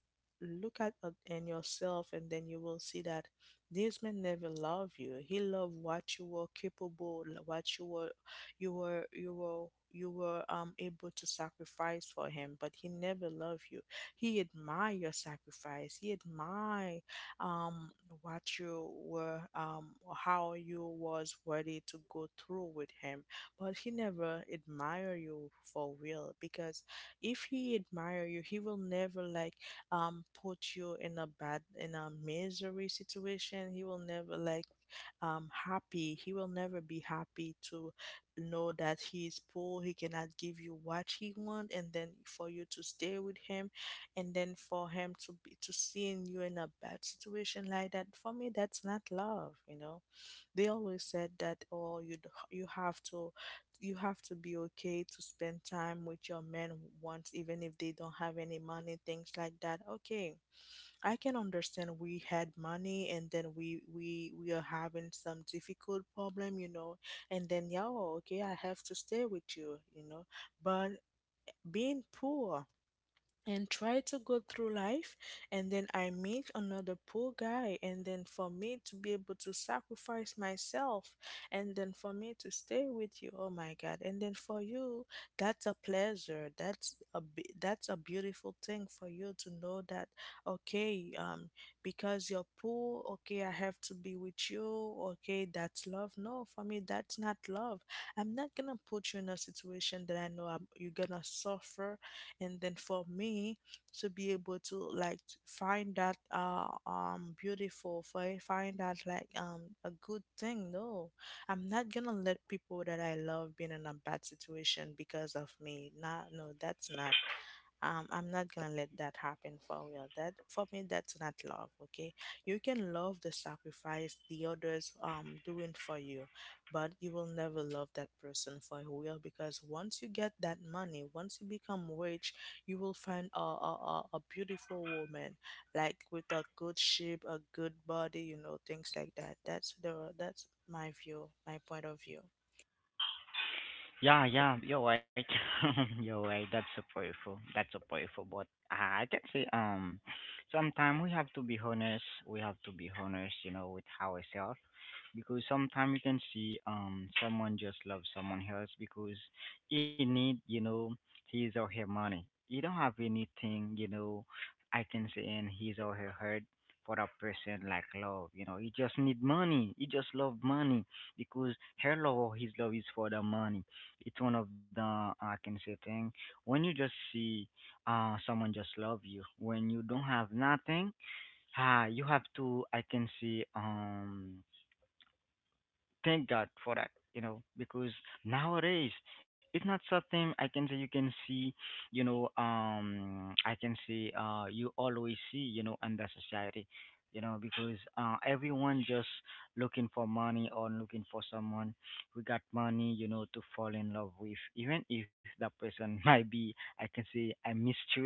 look at uh, and yourself, and then you will see that this man never loved you, he loved what you were capable, like, what you were you were, you were you were um able to sacrifice for him, but he never loved you. He admired your sacrifice, he admired um what you were um how you was ready to go through with him, but he never admired you for real. Because if he admire you, he will never like um put you in a bad, in a misery situation, he will never like, um happy he will never be happy to know that he is poor, he cannot give you what he want, and then for you to stay with him, and then for him to be to seeing you in a bad situation like that. For me that's not love, you know. They always said that, oh, you d- you have to, you have to be okay to spend time with your men once, even if they don't have any money, things like that. Okay, I can understand we had money, and then we we we are having some difficult problem, you know, and then, yeah, oh, okay, I have to stay with you, you know. But being poor and try to go through life, and then I meet another poor guy, and then for me to be able to sacrifice myself, and then for me to stay with you, oh my god, and then for you, that's a pleasure, that's a bi- that's a beautiful thing for you to know that. Okay, um because you're poor, okay, I have to be with you, okay, that's love, no, for me, that's not love. I'm not gonna put you in a situation that I know I'm, you're gonna suffer, and then for me to be able to like t- find that uh um beautiful, fi- find that like um a good thing. No, I'm not gonna let people that I love being in a bad situation because of me. Not, no, that's not, um, I'm not gonna let that happen for real. That for me, that's not love. Okay, you can love the sacrifice the others um doing for you, but you will never love that person for who you are, because once you get that money, once you become rich, you will find a, a, a, a beautiful woman, like with a good shape, a good body, you know, things like that. That's the that's my view, my point of view.
Yeah, yeah, you're right. You're right. That's so powerful. That's so powerful. But uh, I can say, um, sometimes we have to be honest. We have to be honest, you know, with ourselves, because sometimes you can see um someone just loves someone else because he need, you know, his or her money. You don't have anything, you know, I can say in his or her heart, for a person like love, you know, he just need money, he just love money, because her love or his love is for the money. It's one of the, uh, I can say, thing, when you just see uh someone just love you when you don't have nothing, ah, you have to I can see um thank God for that, you know, because nowadays it's not something I can say you can see, you know, um, I can say, uh, you always see, you know, under society, you know, because uh, everyone just looking for money or looking for someone who got money, you know, to fall in love with, even if that person might be, I can say, I mistreat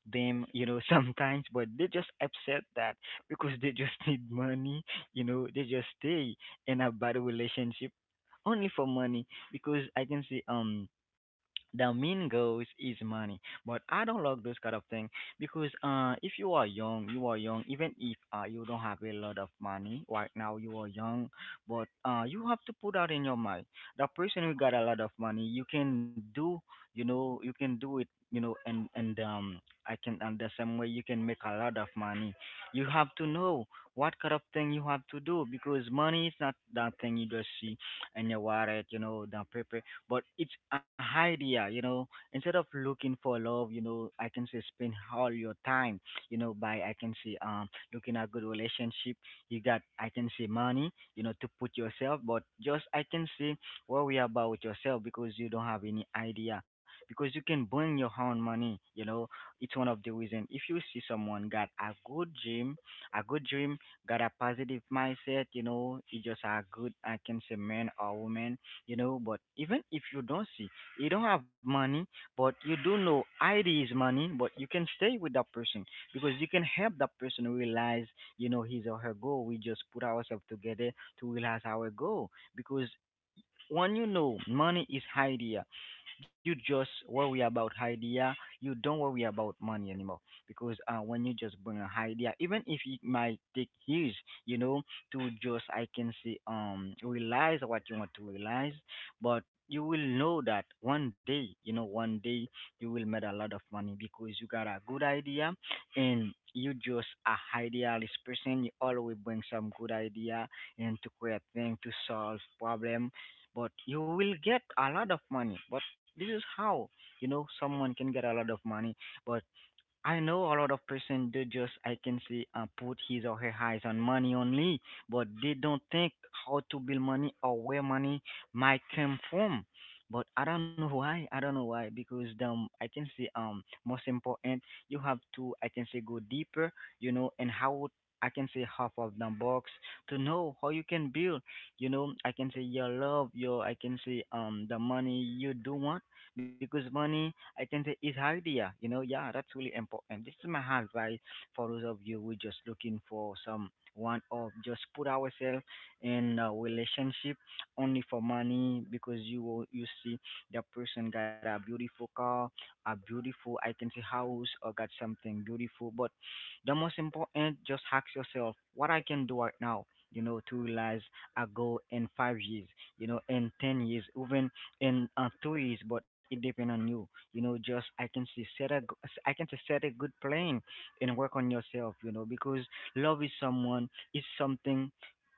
them, you know, sometimes, but they just upset that because they just need money, you know, they just stay in a bad relationship only for money, because I can see um the main goals is money. But I don't like those kind of thing, because uh if you are young, you are young, even if uh you don't have a lot of money right now, you are young. But uh you have to put out in your mind the person who got a lot of money, you can do, you know, you can do it, you know. And and um I can, and the same way you can make a lot of money, you have to know what kind of thing you have to do, because money is not that thing you just see in your wallet, you know, the paper, but it's a idea, you know. Instead of looking for love, you know, I can say spend all your time, you know, by I can say, um looking at good relationship, you got, I can say, money, you know, to put yourself, but just I can say worry about yourself, because you don't have any idea, because you can bring your own money, you know. It's one of the reason, if you see someone got a good dream, a good dream, got a positive mindset, you know, he just a good, I can say, man or woman, you know. But even if you don't see, you don't have money, but you do know id is money, but you can stay with that person, because you can help that person realize, you know, his or her goal, we just put ourselves together to realize our goal. Because when you know money is idea, you just worry about idea, you don't worry about money anymore. Because uh, when you just bring an idea, even if it might take years, you know, to just I can say um realize what you want to realize, but you will know that one day, you know, one day you will make a lot of money, because you got a good idea, and you just a idealist person, you always bring some good idea and to create thing, to solve problem, but you will get a lot of money. But this is how, you know, someone can get a lot of money. But I know a lot of person do just I can say, uh, put his or her eyes on money only, but they don't think how to build money or where money might come from. But I don't know why. I don't know why, because um I can say, um most important, you have to, I can say, go deeper, you know, and how, I can say, half of the box, to know how you can build, you know, I can say, your love, your, I can say, um the money you do want, because money, I can say, is idea. You know, yeah, that's really important. This is my advice for those of you who just looking for some, one of just put ourselves in a relationship only for money, because you will, you see the person got a beautiful car, a beautiful, I can say, house, or got something beautiful. But the most important, just ask yourself what I can do right now, you know, to realize a goal in five years, you know, in ten years, even in uh, two years, but it depends on you. You know, just, I can say, set a g- I can say, set a good plan and work on yourself. You know, because love is someone, is something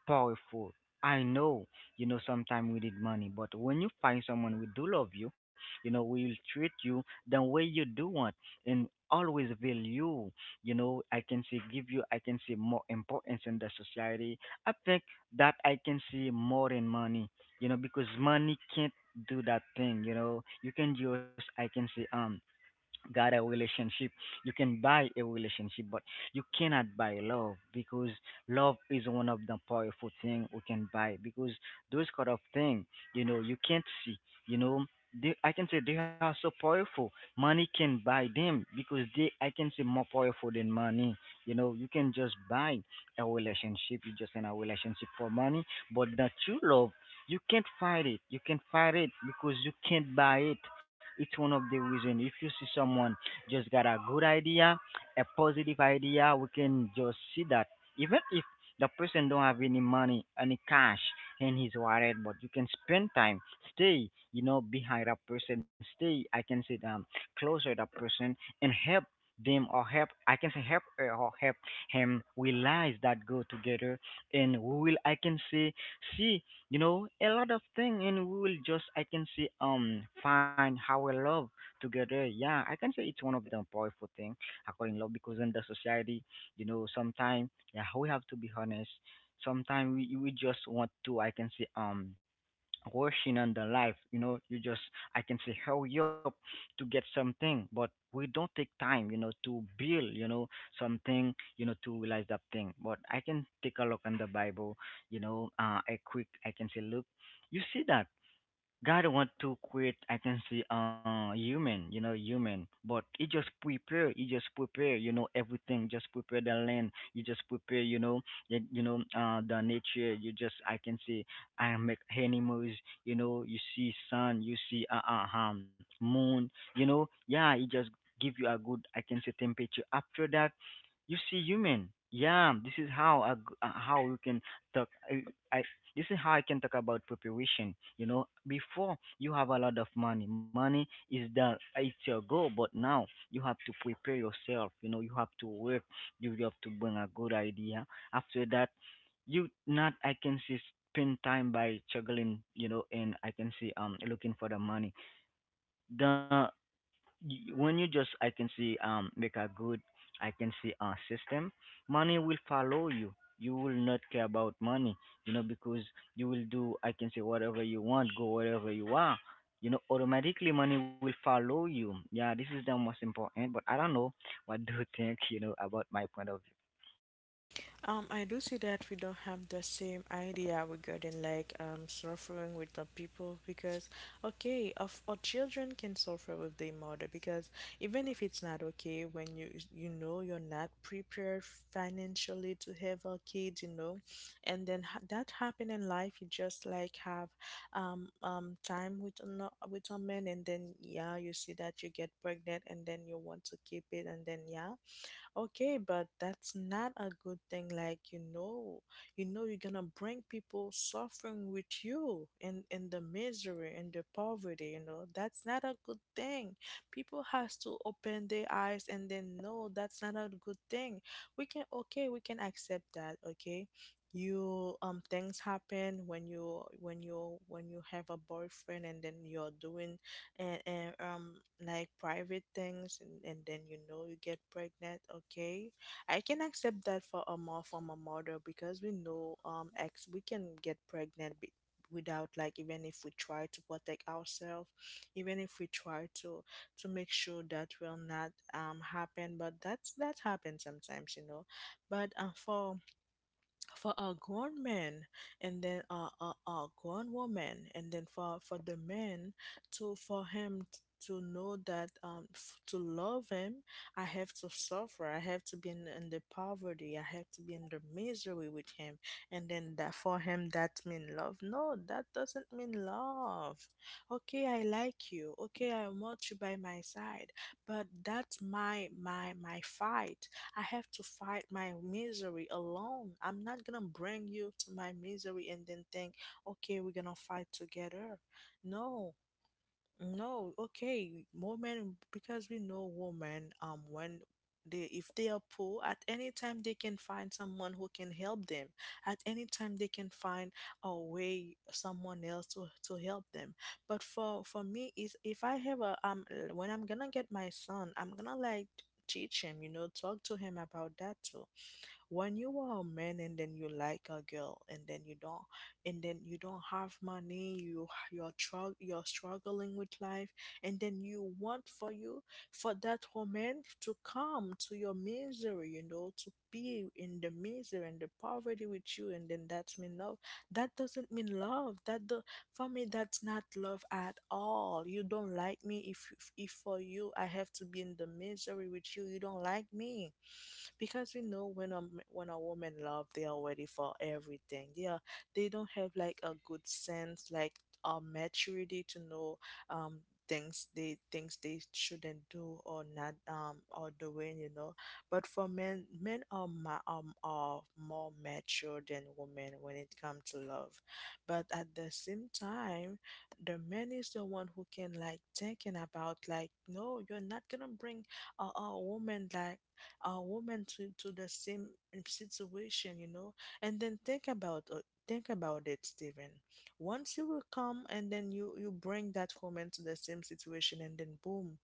powerful. I know, you know, sometimes we need money, but when you find someone who do love you, you know, will treat you the way you do want, and always value, you know, I can say, give you, I can say, more importance in the society. I think that, I can say, more than money, you know, because money can't do that thing, you know. You can use, I can see, um got a relationship, you can buy a relationship, but you cannot buy love, because love is one of the powerful thing we can buy, because those kind of thing, you know, you can't see, you know, they, I can say, they are so powerful, money can buy them, because they, I can say, more powerful than money, you know, you can just buy a relationship, you just in a relationship for money. But the true love, you can't fight it, you can't fight it, because you can't buy it. It's one of the reason, if you see someone just got a good idea, a positive idea, we can just see that. Even if the person don't have any money, any cash in his wallet, but you can spend time, stay, you know, behind that person, stay. I can say um closer to that person, and help them, or help, I can say, help her or help him realize that, go together, and we will, I can say, see you know a lot of thing, and we will just I can see um find how we love together. Yeah, I can say it's one of the powerful thing I call in love, because in the society, you know sometimes, yeah, we have to be honest. Sometimes we, we just want to, I can say, um working on the life. You know you just, I can say, hurry up to get something, but we don't take time, you know to build, you know something, you know to realize that thing. But I can take a look on the Bible, you know uh, a quick, I can say, look. You see that God want to quit. I can see, uh human, you know, human. But you just prepare, you just prepare, you know, everything. Just prepare the land. You just prepare, you know, you, you know, uh the nature. You just I can see I make animals, you know, you see sun, you see uh, uh um moon, you know, yeah, it just give you a good, I can say, temperature. After that, you see human. Yeah, this is how I, g- uh, how you can talk. I, I this is how I can talk about preparation. You know, before you have a lot of money. Money is the it's your goal, but now you have to prepare yourself. You know, you have to work. You have to bring a good idea. After that, you not I can see spend time by juggling. You know, and I can see um looking for the money. The y- when you just I can see um make a good, I can see, a system, money will follow you. You will not care about money, you know because you will do, I can say, whatever you want, go wherever you are, you know automatically money will follow you. Yeah, this is the most important, but I don't know, what do you think? you know about my point of view.
Um, I do see that we don't have the same idea regarding like um suffering with the people, because okay, of our children can suffer with their mother, because even if it's not okay, when you you know, you're not prepared financially to have a kid, you know, and then ha- that happen in life, you just like have um um time with ano- with a man, and then yeah, you see that you get pregnant, and then you want to keep it, and then yeah. Okay, but that's not a good thing. Like, you know, you know you're gonna bring people suffering with you and in the misery and the poverty. You know that's not a good thing. People has to open their eyes and then know that's not a good thing. We can, okay, we can accept that. Okay, you um things happen when you, when you when you have a boyfriend, and then you're doing and, and um like private things, and, and then you know you get pregnant, okay, I can accept that for a mom, from a mother, because we know um ex we can get pregnant be- without like, even if we try to protect ourselves, even if we try to to make sure that will not um happen, but that's, that happens sometimes, you know. But uh, for for a grown man, and then a, a, a grown woman, and then for for the man to, for him t- to know that um f- to love him, I have to suffer, I have to be in, in the poverty, I have to be in the misery with him, and then that, for him that mean love, no, that doesn't mean love. Okay, I like you, okay, I want you by my side, but that's my my my fight. I have to fight my misery alone. I'm not gonna bring you to my misery and then think, okay, we're gonna fight together. No, no, okay, women, because we know women um when they, if they are poor, at any time they can find someone who can help them. At any time they can find a way, someone else to, to help them. But for for me is if I have a um when I'm gonna get my son, I'm gonna like teach him, you know, talk to him about that too. When you are a man and then you like a girl and then you don't and then you don't have money, you you're tru- you're struggling with life, and then you want for you for that woman to come to your misery, you know to be in the misery and the poverty with you, and then that's mean love. That doesn't mean love that do- For me that's not love at all. You don't like me. if if for you I have to be in the misery with you, you don't like me. Because we know when a m- when a woman love, they are ready for everything, yeah. They don't have like a good sense, like a maturity to know, um things they things they shouldn't do or not, um or doing, you know but for men, men are ma- um are more mature than women when it comes to love. But at the same time, the man is the one who can like thinking about, like, no, you're not gonna bring a, a woman, like a woman, to, to the same situation, you know. And then think about uh, think about it, Stephen. Once you will come and then you you bring that woman to the same situation, and then boom,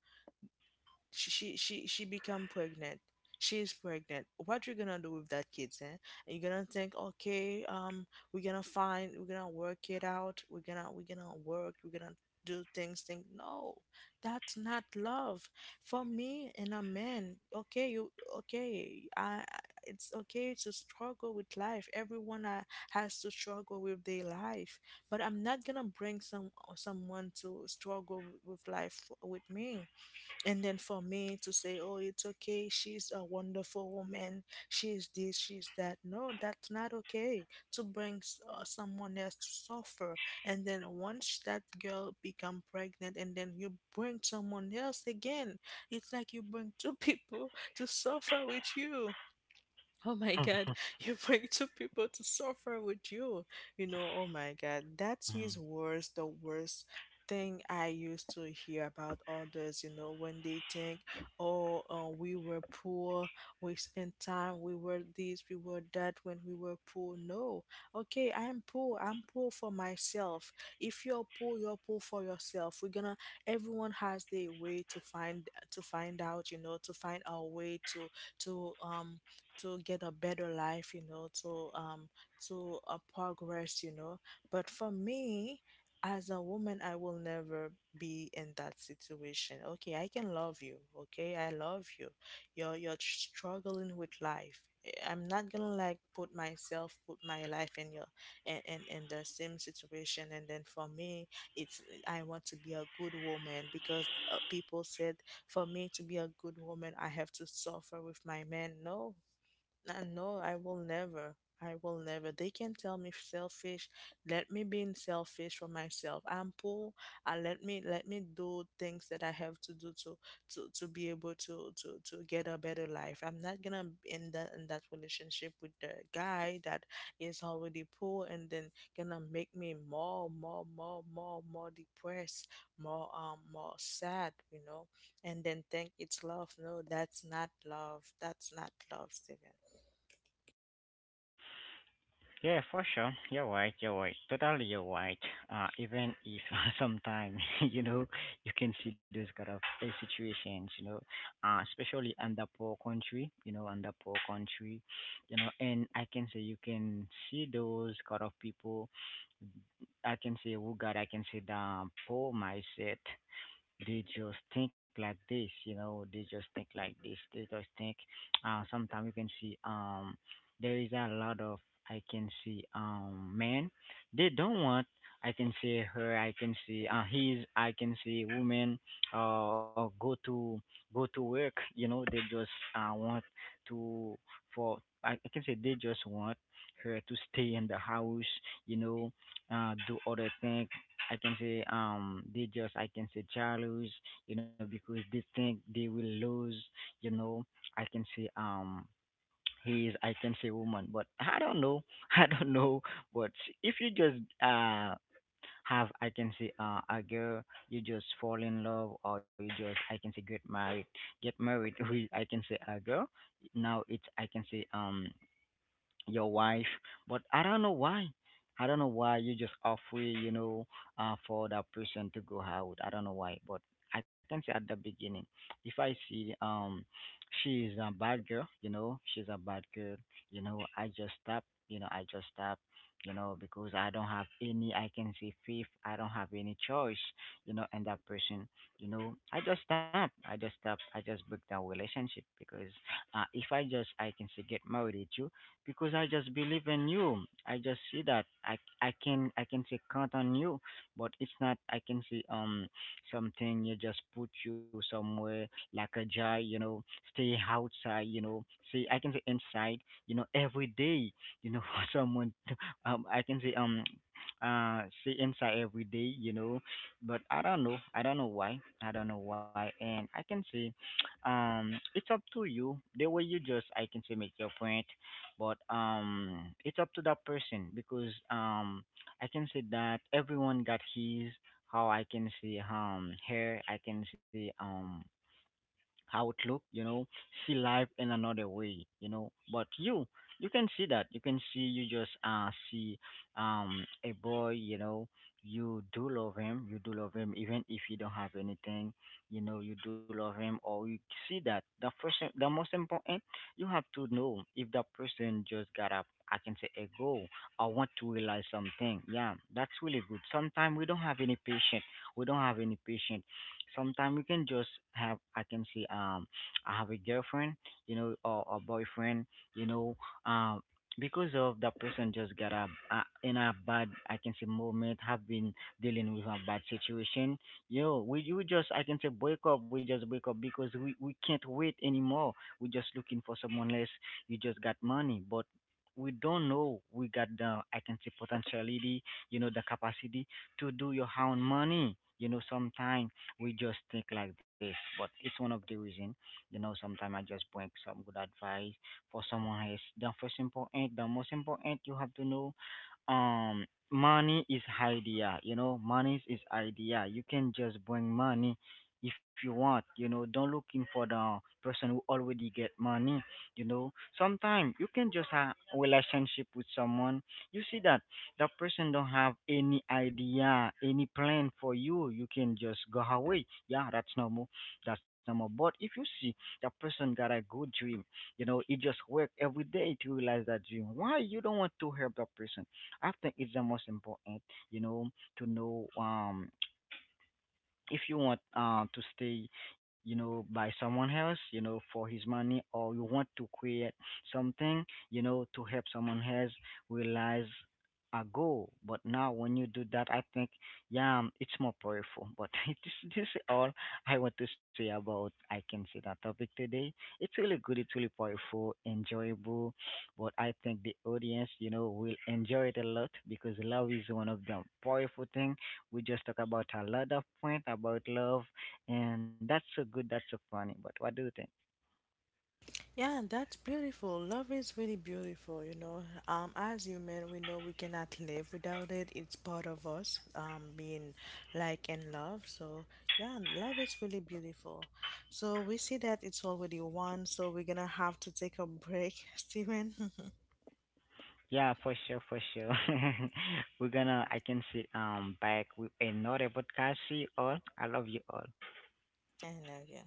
she she she, she become pregnant. She's pregnant, what you gonna do with that kids, eh? You gonna think, okay, um we're gonna find we're gonna work it out, we're gonna we're gonna work we're gonna do things, think, no, that's not love. For me and a man, okay you okay I I- it's okay to struggle with life, everyone uh, has to struggle with their life. But I'm not gonna bring some someone to struggle with life with me and then for me to say, oh, it's okay, she's a wonderful woman, she's this, she's that. No, that's not okay, to bring s- uh, someone else to suffer. And then once that girl become pregnant and then you bring someone else again, it's like you bring two people to suffer with you. Oh my God, you bring two people to suffer with you. You know, oh my God, that
Hmm.
is worse, the worst thing I used to hear about others, you know, when they think, oh, uh, we were poor, we spent time, we were this, we were that when we were poor. No, okay, I'm poor, I'm poor for myself. If you're poor, you're poor for yourself. We're gonna, everyone has their way to find, to find out, you know, to find our way to, to, um, to get a better life, you know, to um to uh, progress, you know. But for me, as a woman, I will never be in that situation. Okay, I can love you, okay, I love you. You're you're struggling with life. Eh, I'm not gonna like put myself put my life in your, in, in in the same situation. And then for me, it's I want to be a good woman because uh, people said for me to be a good woman I have to suffer with my man. No, uh, no, I will never. I will never. They can tell me selfish. Let me be selfish for myself. I'm poor. I let me let me do things that I have to do to to to be able to to to get a better life. I'm not gonna be in that in that relationship with the guy that is already poor and then gonna make me more more more more more depressed, more um more sad. You know, and then think it's love. No, that's not love. That's not love, Steven.
Yeah, for sure. You're right. You're right. Totally, you're right. Uh, even if sometimes you know you can see those kind of uh, situations, you know, uh, especially under poor country, you know, under poor country, you know, and I can say you can see those kind of people. I can say, oh God, I can say the poor mindset. They just think like this, you know, they just think like this, they just think uh sometimes you can see um there is a lot of, I can see, um men. They don't want, I can see her, I can see uh his, I can see women uh go to go to work. You know, they just uh want to, for I, I can say, they just want her to stay in the house, you know, uh do other things. I can say um they just, I can say, jealous, you know, because they think they will lose, you know. I can say um he is, I can say, woman, but I don't know, I don't know. But if you just uh have, I can say, uh a girl, you just fall in love, or you just, I can say, get married, get married with, I can say, a girl. Now it's, I can say, um your wife. But I don't know why, I don't know why you just off, you know uh, for that person to go out, I don't know why. But I can say, at the beginning, if I see um she is a bad girl, you know she's a bad girl, you know I just stop, you know I just stop, you know because I don't have any, I can say, fifth, I don't have any choice, you know and that person, you know I just stop, I just stop, I just break that relationship. Because uh, if I just, I can say, get married with you, because I just believe in you. I just see that I I can I can say count on you. But it's not, I can see, um something you just put you somewhere like a jar, you know, stay outside, you know. See, I can say inside, you know, every day, you know, for someone to, um I can say, um uh see inside every day, you know. But I don't know. I don't know why. I don't know why. And I can say um it's up to you the way you just, I can say, make your point. But um it's up to that person because um I can say that everyone got his, how I can see um her, I can see um how it look, you know, see life in another way, you know. But you, you can see that. You can see you just uh see um a boy, you know, you do love him, you do love him even if you don't have anything, you know, you do love him. Or you see that, the first, the most important, you have to know if that person just got up, I can say, a goal. I want to realize something. Yeah, that's really good. Sometimes we don't have any patient. We don't have any patient. Sometimes you can just have, I can say, um I have a girlfriend, you know, or a boyfriend, you know, um because of that person just got a, a in a bad, I can say, moment, have been dealing with a bad situation. You know, we, you just, I can say, break up, we just break up because we, we can't wait anymore. We just looking for someone else. You just got money, but we don't know we got the, I can say, potentiality, you know, the capacity to do your own money. You know, sometime we just think like this. But it's one of the reason, you know, sometimes I just bring some good advice for someone else. The first important, the most important, you have to know um money is idea, you know money is idea. You can just bring money if you want, you know don't looking for the person who already get money, you know sometimes you can just have a relationship with someone. You see that the person don't have any idea, any plan for you, you can just go away. Yeah, that's normal. That's normal. But if you see the person got a good dream, you know he just work every day to realize that dream. Why you don't want to help that person? I think it's the most important, you know, to know, um if you want uh, to stay, you know, by someone else, you know, for his money, or you want to create something, you know, to help someone else realize a goal. But now, when you do that, I think, yeah, um, it's more powerful. But this, this is all I want to say about, I can say, that topic today. It's really good, it's really powerful, enjoyable. But I think the audience, you know, will enjoy it a lot, because love is one of the powerful things. We just talk about a lot of point about love, and that's so good. That's so funny. But what do you think?
Yeah, that's beautiful. Love is really beautiful, you know. Um, as human, we know we cannot live without it. It's part of us, um, being like and love. So yeah, love is really beautiful. So we see that it's already one, so we're gonna have to take a break, Steven.
Yeah, for sure, for sure. We're gonna. I can see um back with another podcast. See you all. I love you all.
I love you.